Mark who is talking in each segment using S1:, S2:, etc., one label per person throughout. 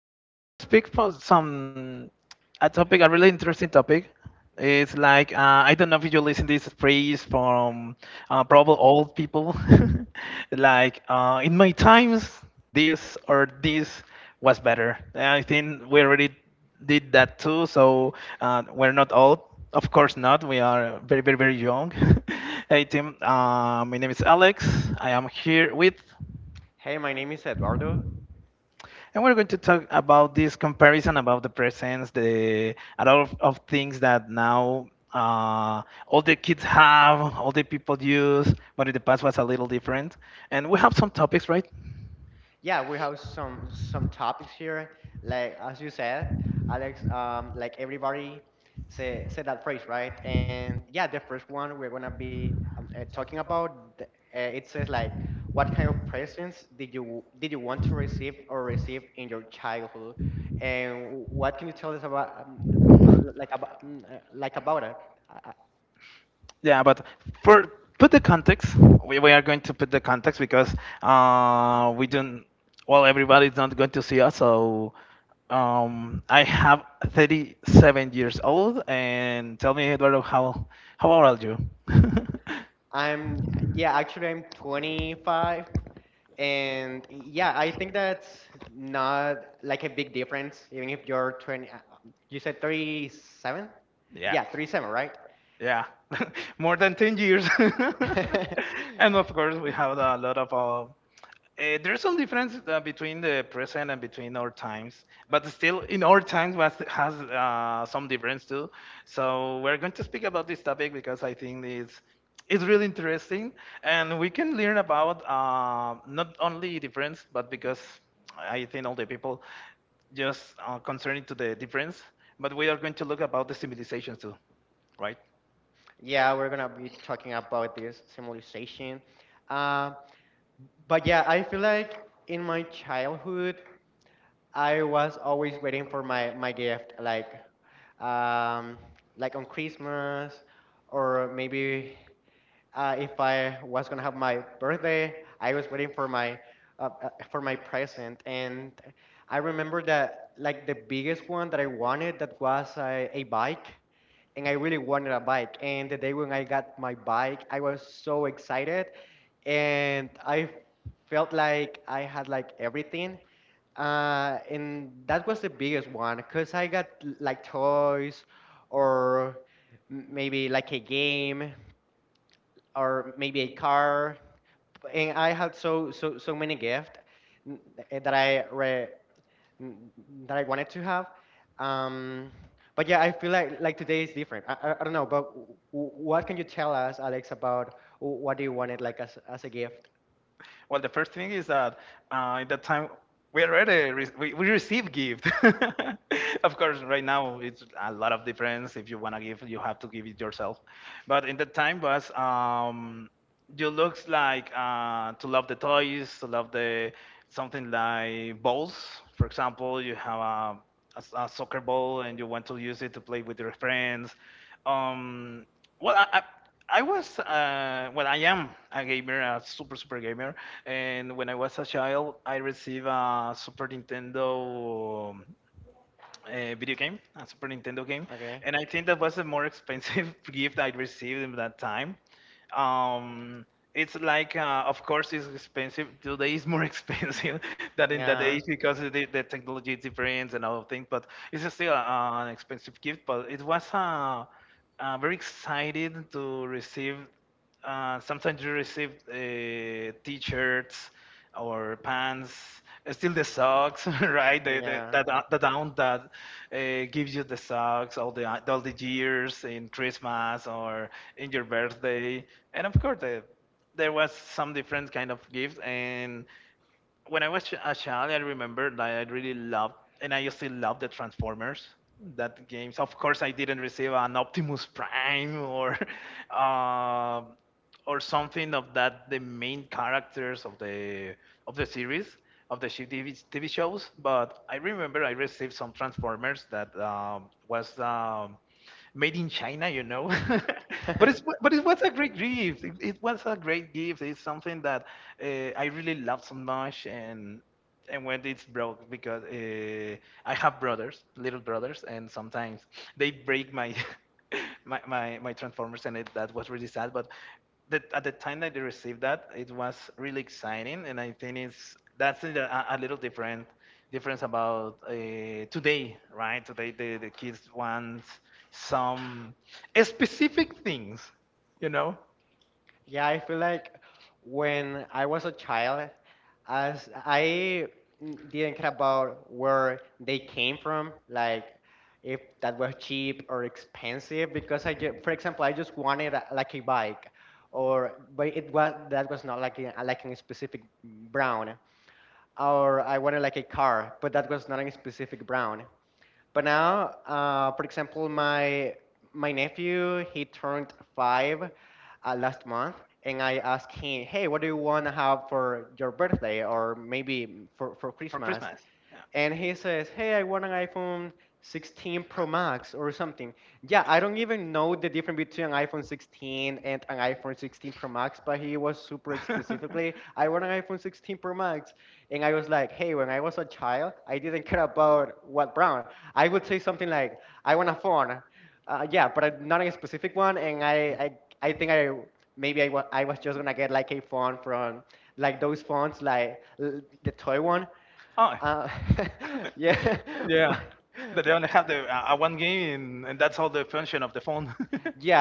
S1: Now we're going to speak for some a topic, a really interesting topic. It's like, I don't know if you listen this phrase from probably old people, like, in my times this or this was better. And I think we already did that too, so we're not old. Of course not. We are very very very young. Hey Tim, my name is Alex. I am here with.
S2: Hey, my name is Eduardo.
S1: And we're going to talk about this comparison about the presents, the a lot of things that now all the kids have, all the people use, but in the past was a little different. And we have some topics, right?
S2: Yeah, we have some topics here. Like as you said, Alex, like everybody say said that phrase, right? And yeah, the first one we're gonna be talking about. th- it says like, what kind of presents did you want to receive or receive in your childhood, and what can you tell us about like about like about it? I, I-
S1: Yeah, but for put the context, we are going to put the context because we don't. Well, everybody's not going to see us, so I have 37 years old, and tell me, Eduardo, how old are you?
S2: I'm yeah, actually I'm 25. And yeah, I think that's not like a big difference, even if you're 20, you said 37?
S1: Yeah.
S2: Yeah, 37, right?
S1: Yeah, more than 10 years. And of course, we have a lot of. There's some difference between the present and between our times, but still, in our times, was, has some difference too. So we're going to speak about this topic because I think it's really interesting, and we can learn about, not only difference, but because I think all the people just concerning to the difference, but we are going to look about the civilizations too, right?
S2: Yeah, we're gonna be talking about this civilization. Um, but yeah, I feel like in my childhood, I was always waiting for my gift, um, like on Christmas or maybe if I was gonna have my birthday. I was waiting for my present, and I remember that like the biggest one that I wanted that
S1: Well, the first thing is that at that time we already we receive gift. Of course, right now it's a lot of difference. If you wanna give, you have to give it yourself. But in that time was, you looks like, to love the toys, to love the something like balls. For example, you have a soccer ball and you want to use it to play with your friends. Um, well, I was, well, I am a gamer, a super, super gamer. And when I was a child, I received a Super Nintendo, video game, a Super Nintendo game, and I think that was a more expensive gift I received in that time. Um, it's like, of course, it's expensive. Today is more expensive than in that age because of the technology is different and all of things. But it's still, an expensive gift. But it was very excited to receive, sometimes you receive t-shirts or pants, still the socks, right? The down that gives you the socks all the years in Christmas or in your birthday, and of course there was some different kind of gifts and when I was a child, I remember that I really loved, and I still love the Transformers. That games, of course, I didn't receive an Optimus Prime or, uh, or something of that. The main characters of the series of the TV, shows, but I remember I received some Transformers that, was, made in China, you know. But it was a great gift. It was a great gift. It's something that, I really love so much, and when it's broke because, I have brothers, little brothers, and sometimes they break my my transformers, and that was really sad. But at the time that I received that, it was really exciting, and I think it's that's a little different difference about, today, right? Today the kids want some specific things, you know. Christmas?" Christmas. Yeah. I Oh, yeah. That they only have the one game, and that's all the function of the phone.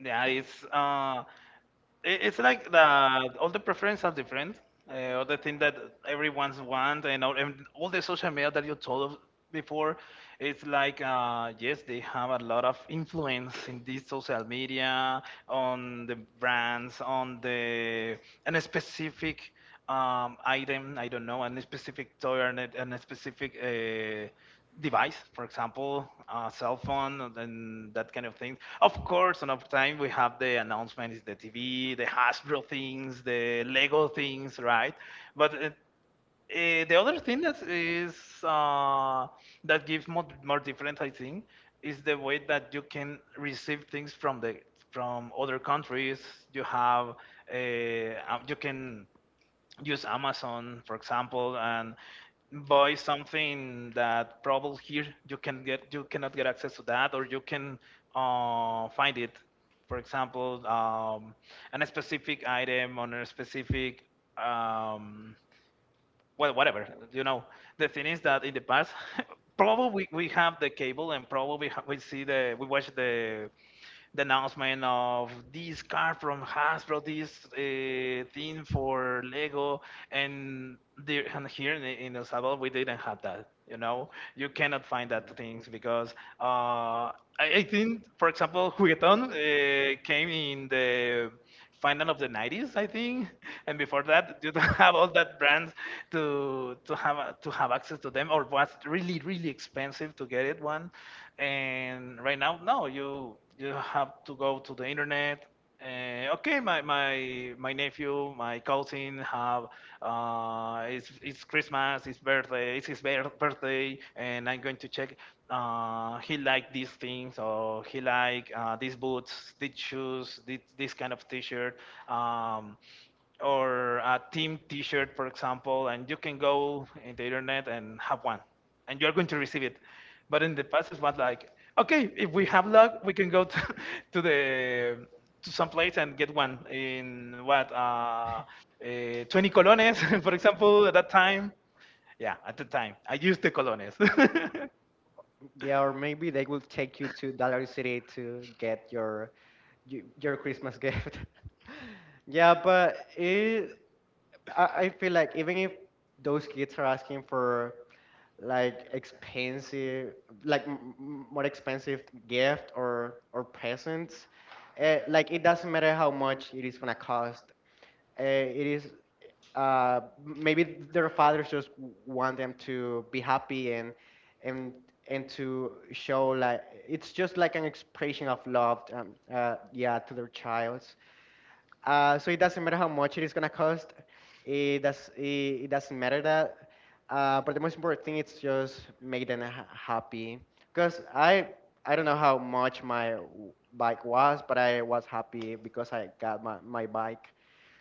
S1: Yeah, it's, it's like the all the preferences are different. All the thing that everyone's want and all the social media that you told us before, it's like, yes, they have a lot of influence in this social media on the brands on the and specific, item, I don't know, and a specific toy and a specific, device, for example, a cell phone and that kind of thing. Of course, and of time we have the announcements, the TV, the Hasbro things, the Lego things, right? But the other thing that is, uh, that gives more, more different, I think, is the way that you can receive things from the from other countries. You have you can use Amazon, for example, and buy something that probably here you can get you cannot get access to that, or you can, find it. For example, a specific item on a specific, um, well, whatever. You know, the thing is that in the past, probably we have the cable and probably we see the we watch the announcement of this car from Hasbro, this, thing for Lego, and there and here in El Salvador we didn't have that. You know, you cannot find that things because, uh, I, I think, for example, Juguetón, came in the final of the 90s I think and before that you don't have all that brands to to have access to them or was really really expensive to get it one and right now no you have to go to the internet. Okay, my nephew my cousin have, it's Christmas it's birthday it's his birthday and I'm going to check, he liked these things or he liked, these boots, these shoes, this kind of t-shirt, um, or a team t-shirt, for example, and you can go in the internet and have one, and you're going to receive it. But in the past, it was like, okay, if we have luck, we can go to, to the to some place and get one in what 20 colones, for example, at that time. Yeah, at the time, I used the colones.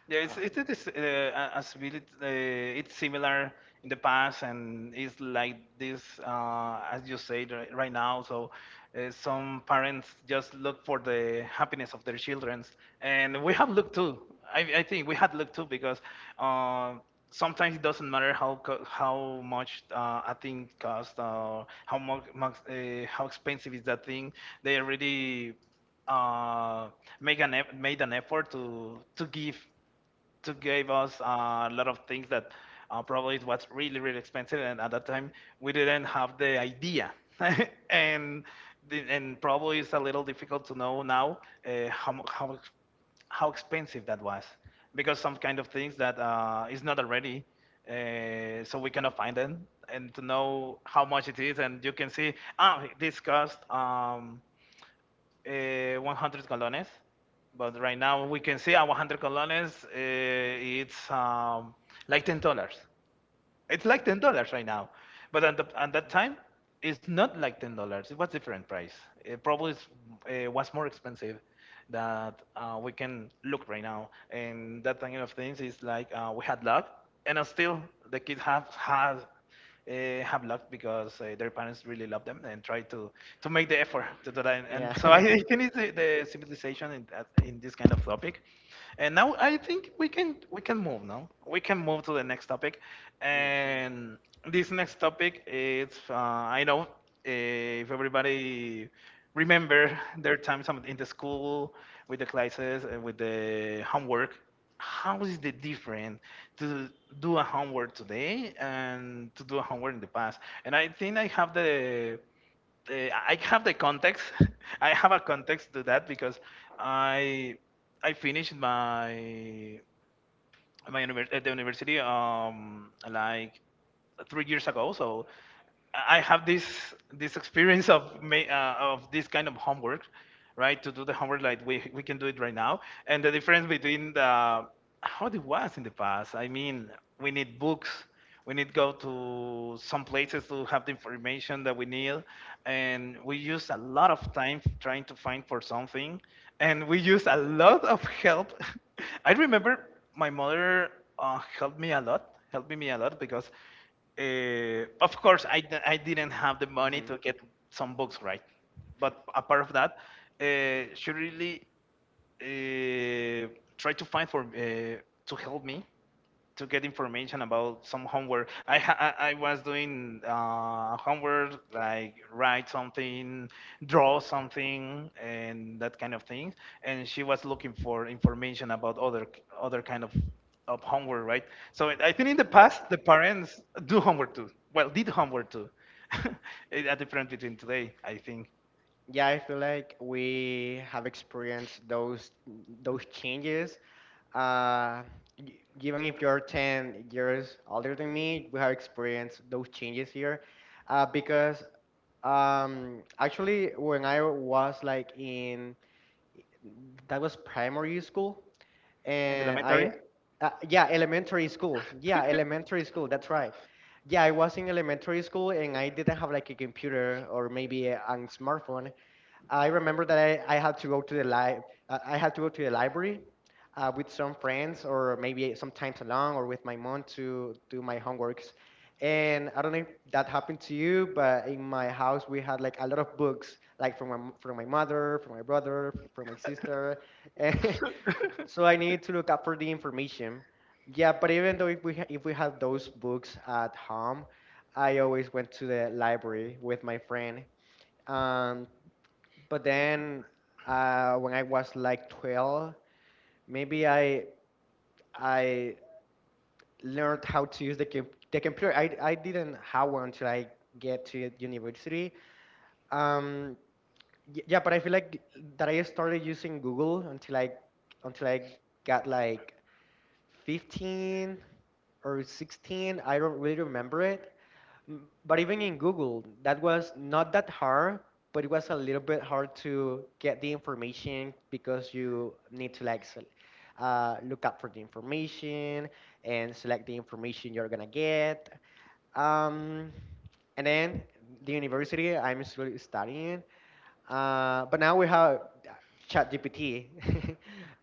S1: Yeah, it's it is, as really, it's similar in the past and it's like this, as you said right now. So, some parents just look for the happiness of their children, and we have looked too. I think we had looked too because, uh, sometimes it doesn't matter how much, a thing costs or how much, much, how expensive is that thing. They already, uh, make an made an effort to to give us, a lot of things that, probably it was really really expensive and at that time we didn't have the idea and the, and probably it's a little difficult to know now, how, mu- how ex- how expensive that was because some kind of things that, is not already, so we cannot find them and to know how much it is and you can see ah this cost, 100 colones, but right now we can see a 100 colones. It's, like $10. It's like $10 right now, but at, the, at that time, it's not like $10. It was different price. It probably, was more expensive that, we can look right now, and that kind of things is like, we had luck, and, still the kids have had, have luck because, their parents really love them and try to make the effort to do that. And so I think it's the civilization in, in this kind of topic. And now I think we can move now. We can move to the next topic, and this next topic is, I know, if everybody remember their times in the school with the classes and with the homework how is the different to do a homework today and to do a homework in the past? And I think I have the, I have the context. I have a context to that because I I finished my at the university, like 3 years ago. So I have this this experience of of this kind of homework, right? To do the homework like we can do it right now, and the difference between the how it was in the past. I mean, we need books. We need go to some places to have the information that we need, and we use a lot of time trying to find for something, and we use a lot of help. I remember my mother helped me a lot, helped me a lot because, uh, of course, I didn't have the money to get some books, right. But apart of that, she really uh, tried to find for to help me to get information about some homework. I was doing homework like write something, draw something, and that kind of thing. And she was looking for information about other kind of homework, right? So I think in the past the parents do homework too. Well, did homework too. A difference between today, I think. In the elementary?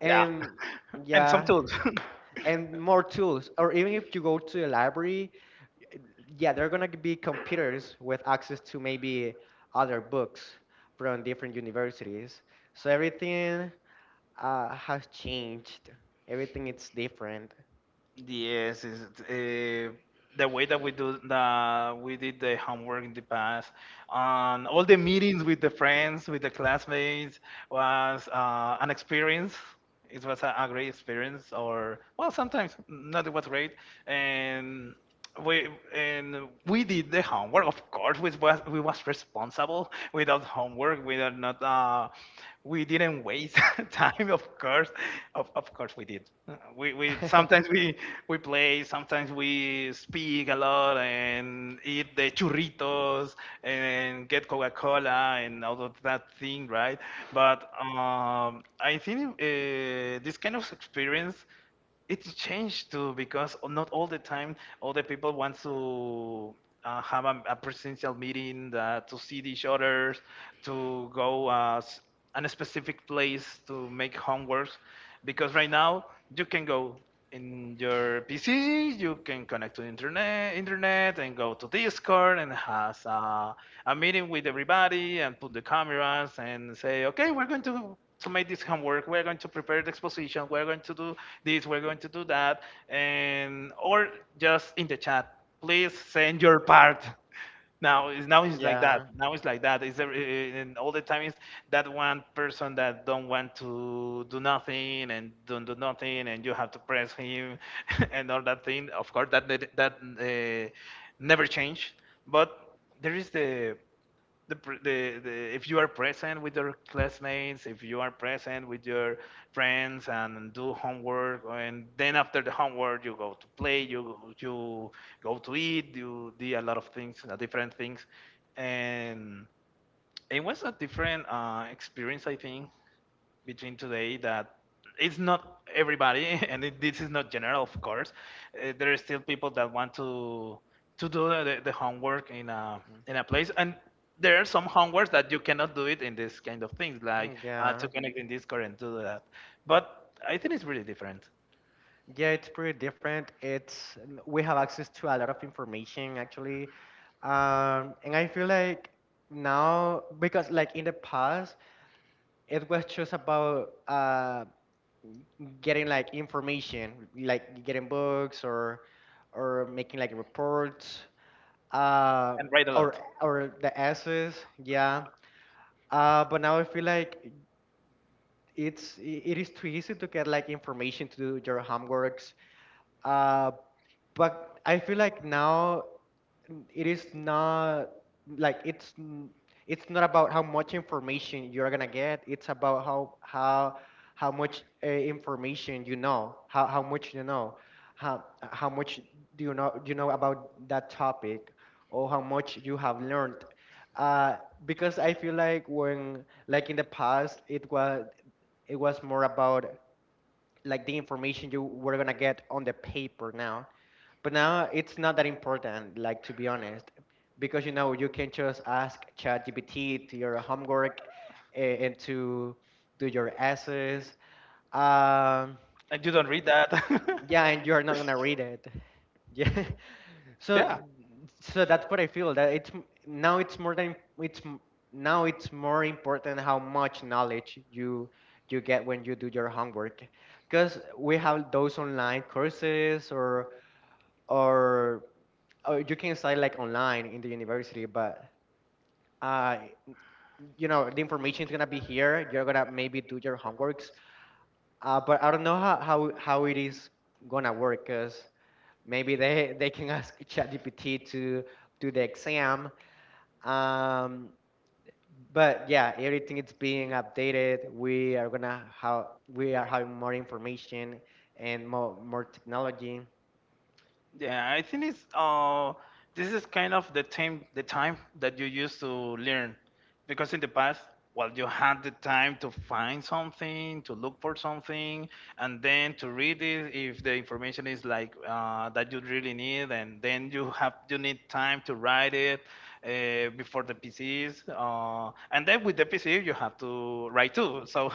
S1: Tools. And yes, is uh, the way that we did the homework in the past, and all the meetings with the friends, with the classmates was an experience. It was a great experience, or well, sometimes not it was great, and we and we did the homework. Of course, we was responsible. Without homework we are not, we didn't waste time. Of course, of course we did. We sometimes we play, sometimes we speak a lot and eat the churritos and get coca-cola and all of that thing, right? But I think this kind of experience it's changed too because not all the time all the people want to have a presidential meeting to see each other, to go on a specific place to make homeworks because right now you can go in your PC, you can connect to the internet, and go to Discord and has a meeting with everybody and put the cameras and say, okay, we're going to make this homework, we're going to prepare the exposition, we're going to do this, we're going to do that, and or just in the chat, please send your part. Now it's like that. Now it's like that. It's every, eh, eh, and all the time is that one person that don't want to do nothing and don't do nothing, and you have to press him and all that thing. Of course, that never change. But there is the, the if you are present with your classmates, if you are present with your friends and do homework, and then after the homework you go to play, you go to eat, you do a lot of things, different things, and it was a different experience, I think, between today, that it's not everybody. And this is not general, of course. There are still people that want to do the homework in a place, and there are some homeworks that you cannot do it in this kind of things, like to connect in Discord and do that. But I think it's really different, and read a lot. And you don't read that. Yeah. Yeah, I think it's this is kind of the time that you used to learn, because in the past, well, you had the time to find something, to look for something, and then to read it if the information is like that you really need, and then you need time to write it before the PCs, and then with the PC you have to write too. So,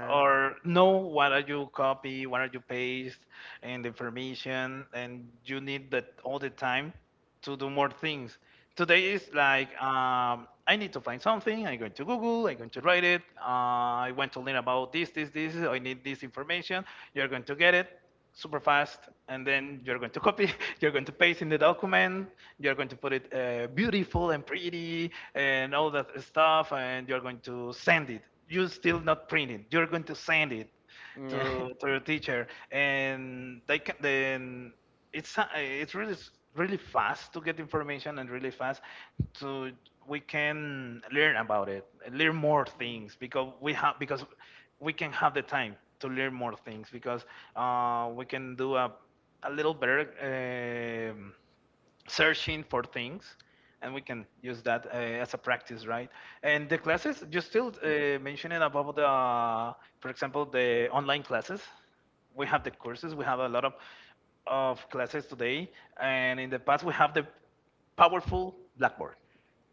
S1: or know what are you copy, what are you paste, and the information, and you need that all the time to do more things. Today is like I need to find something. I'm going to Google. I'm going to write it. I want to learn about this, this, this. I need this information. You're going to get it super fast, and then you're going to copy. You're going to paste in the document. You're going to put it beautiful and pretty and all that stuff, and you're going to send it. You're still not printing. You're going to send it to your teacher, and they can then it's a- it's really really fast to get information and really fast to we can learn about it, learn more things, because we can have the time to learn more things because we can do a little better. um Searching for things, and we can use that as a practice, right. And the classes, you still mentioning about the, for example, the online classes, we have the courses, we have a lot of classes today, and in the past we have the powerful blackboard.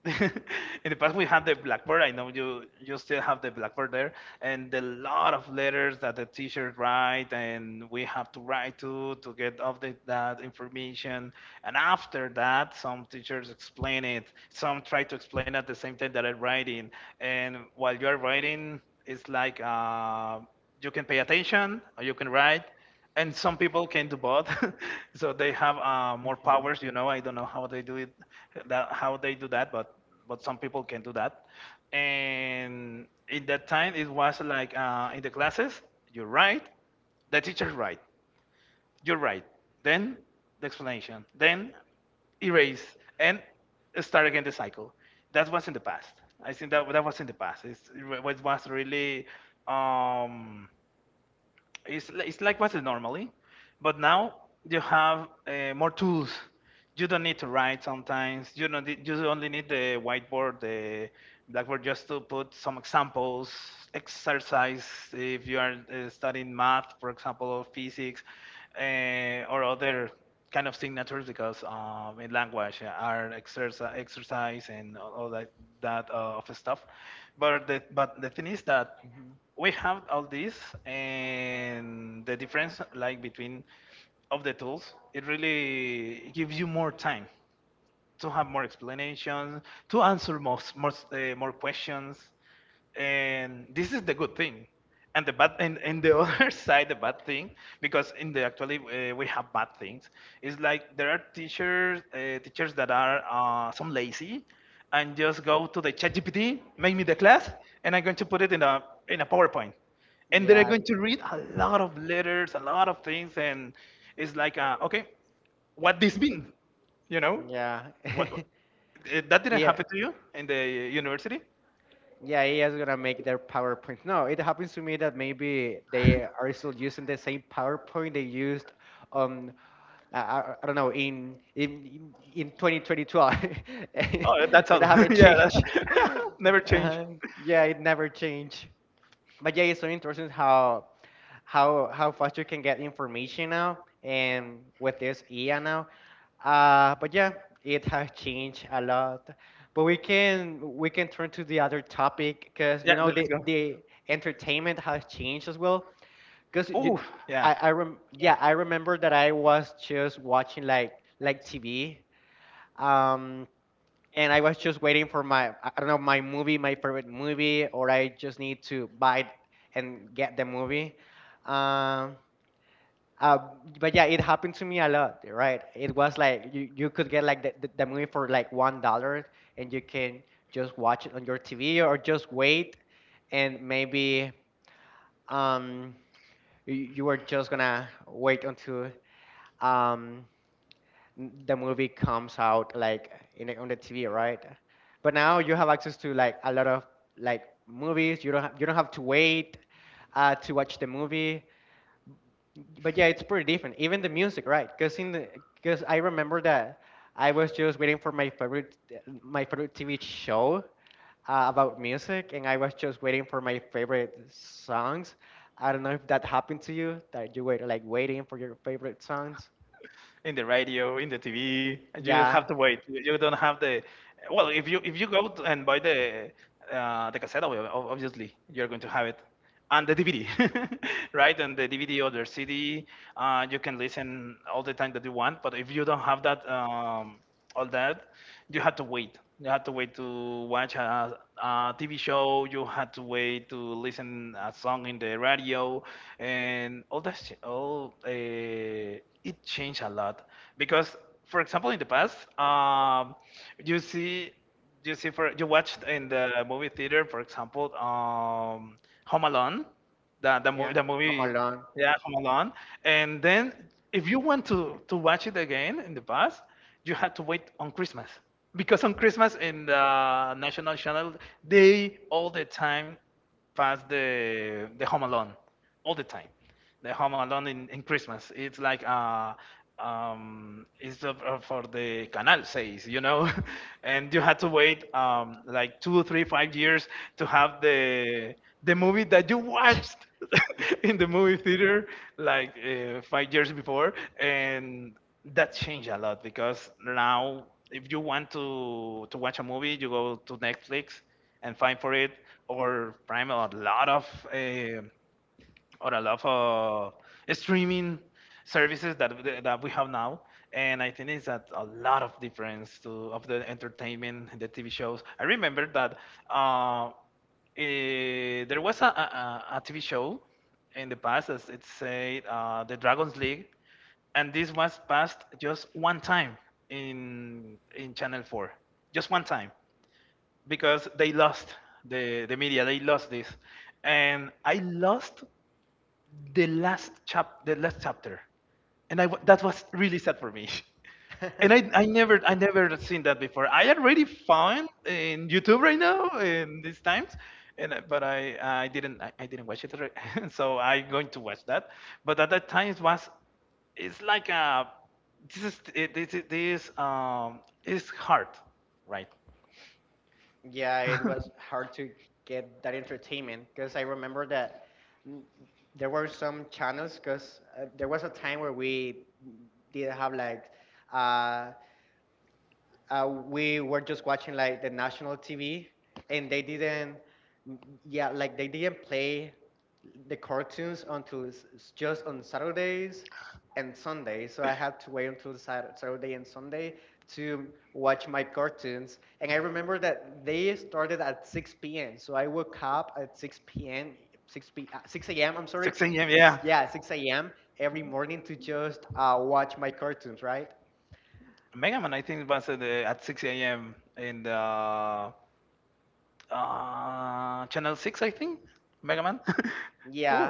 S1: In the past we had the blackboard. I know you still have the blackboard there, and a lot of letters that the teachers write, and we have to write to get update that information. And after that some teachers explain it, some try to explain at the same time that I'm writing, and while you're writing it's like you can pay attention or you can write, and some people can do both. So they have more powers. I don't know how they do it, that how they do that, but some people can do that. And in that time it was like in the classes you write, the teacher's right, you're right, then the explanation, then erase and start again. The cycle, that was in the past. I think that that was in the past. It was really, um it's like what's it normally. But now you have more tools. You don't need to write sometimes. You only need the whiteboard, the blackboard, just to put some examples, exercise. If you are studying math, for example, or physics, or other kind of signatures, because in language are exercise and all that of stuff. But the thing is that we have all this, and the difference, like between of the tools, it really gives you more time to have more explanations, to answer more questions, and this is the good thing. And the other side, the bad thing, because in the actually we have bad things. It's like there are teachers that are some lazy, and just go to the ChatGPT, make me the class, and I'm going to put it in a PowerPoint, and they're going to read a lot of letters, a lot of things, and it's like, okay, what this means? You know, what that didn't happen to you in the university? Oh, that's all. Yeah, never change. Yeah, let's go. Oh, yeah. In the radio, in the TV, and you have to wait. You don't have the. Well, if you and buy the the cassette, obviously you're going to have it, and the DVD, right? And the DVD or the CD, you can listen all the time that you want. But if you don't have that all that, you had to wait. You had to wait to watch a TV show. You had to wait to listen a song in the radio, and all that. All it changed a lot because, for example, in the past, you see you see for you watched in the movie theater, for example, Home Alone, the movie, yeah, Home Alone. And then if you want to watch it again, in the past you had to wait on Christmas, because on Christmas in the national channel they all the time pass the Home Alone all the time. The Home Alone in Christmas. It's like it's for the Canal says, and you had to wait like 2, 3, 5 years to have the movie that you watched in the movie theater, like 5 years before, and that changed a lot because now if you want to watch a movie, you go to Netflix and fine for it or prime, a lot of or a lot of streaming services that we have now. And I think it's that a lot of difference to of the entertainment, the TV shows. I remember that uh, there was a TV show in the past, as it said, the Dragons League, and this was passed just one time in Channel 4 just one time because they lost the media. They lost this, and I lost the last chapter, and that was really sad for me. And I never seen that before. I already found in YouTube right now in these times, and but I didn't watch it, so I'm going to watch that. But at that time it's like a this is it- this is hard, right? Mega Man, I think, was at 6 a.m. in the Channel 6, I think. Mega Man.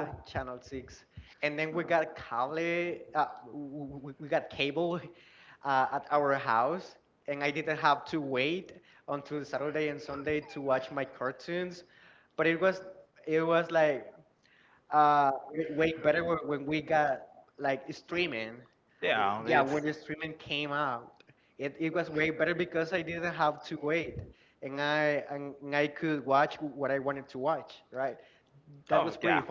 S1: Yeah, it's oh yeah.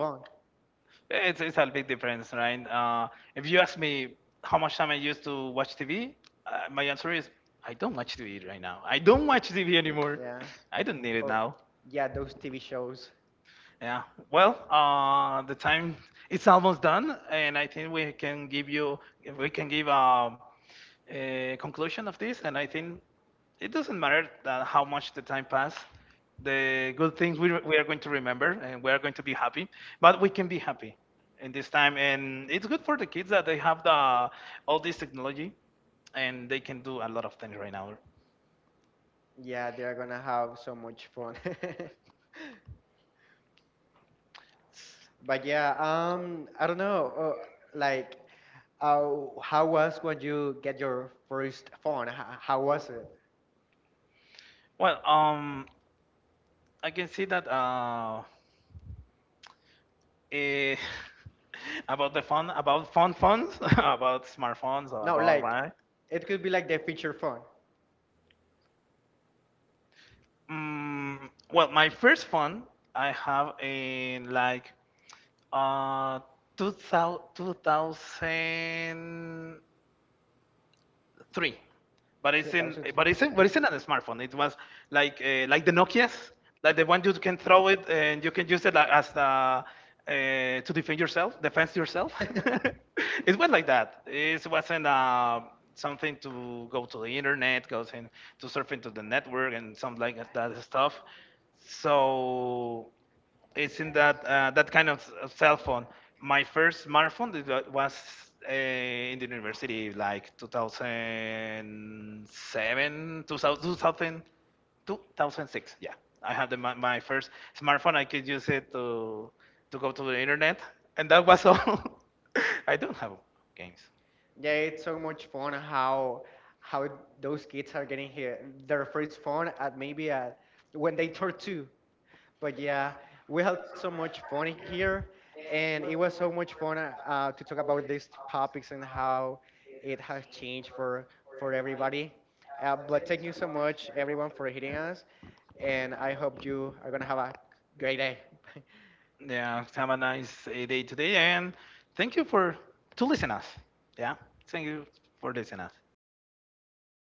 S1: It's a big difference, right? If you ask me how much time I used to watch TV, my answer is, I don't watch TV right now. I don't watch TV anymore. I don't need it now. Yeah. Well, the time it's almost done, and I think we can give you, we can give a conclusion of this. And I think it doesn't matter that how much the time passed. The good things we are going to remember, and we are going to be happy. But we can be happy in this time, and it's good for the kids that they have the all this technology, and they can do a lot of things right now. Well, I can see that Eh, about the phone, about phones, about smartphones, or about why? Mm, well, my first phone I have in like uh two thousand three, but it's in a smartphone. It was like the Nokia's, like the one you can throw it and you can use it like, as the to defend yourself, defense yourself. It went like that. It wasn't something to go to the internet, goes in to surf into the network and some like that stuff. So it's in that that kind of cell phone. My first smartphone was in the university, like 2007, 2000, 2006. Yeah, I had my first smartphone. I could use it to go to the internet, and that was all. I don't have games. Yeah, have a nice day today, and thank you for to listen us. Yeah, thank you for listening us to us.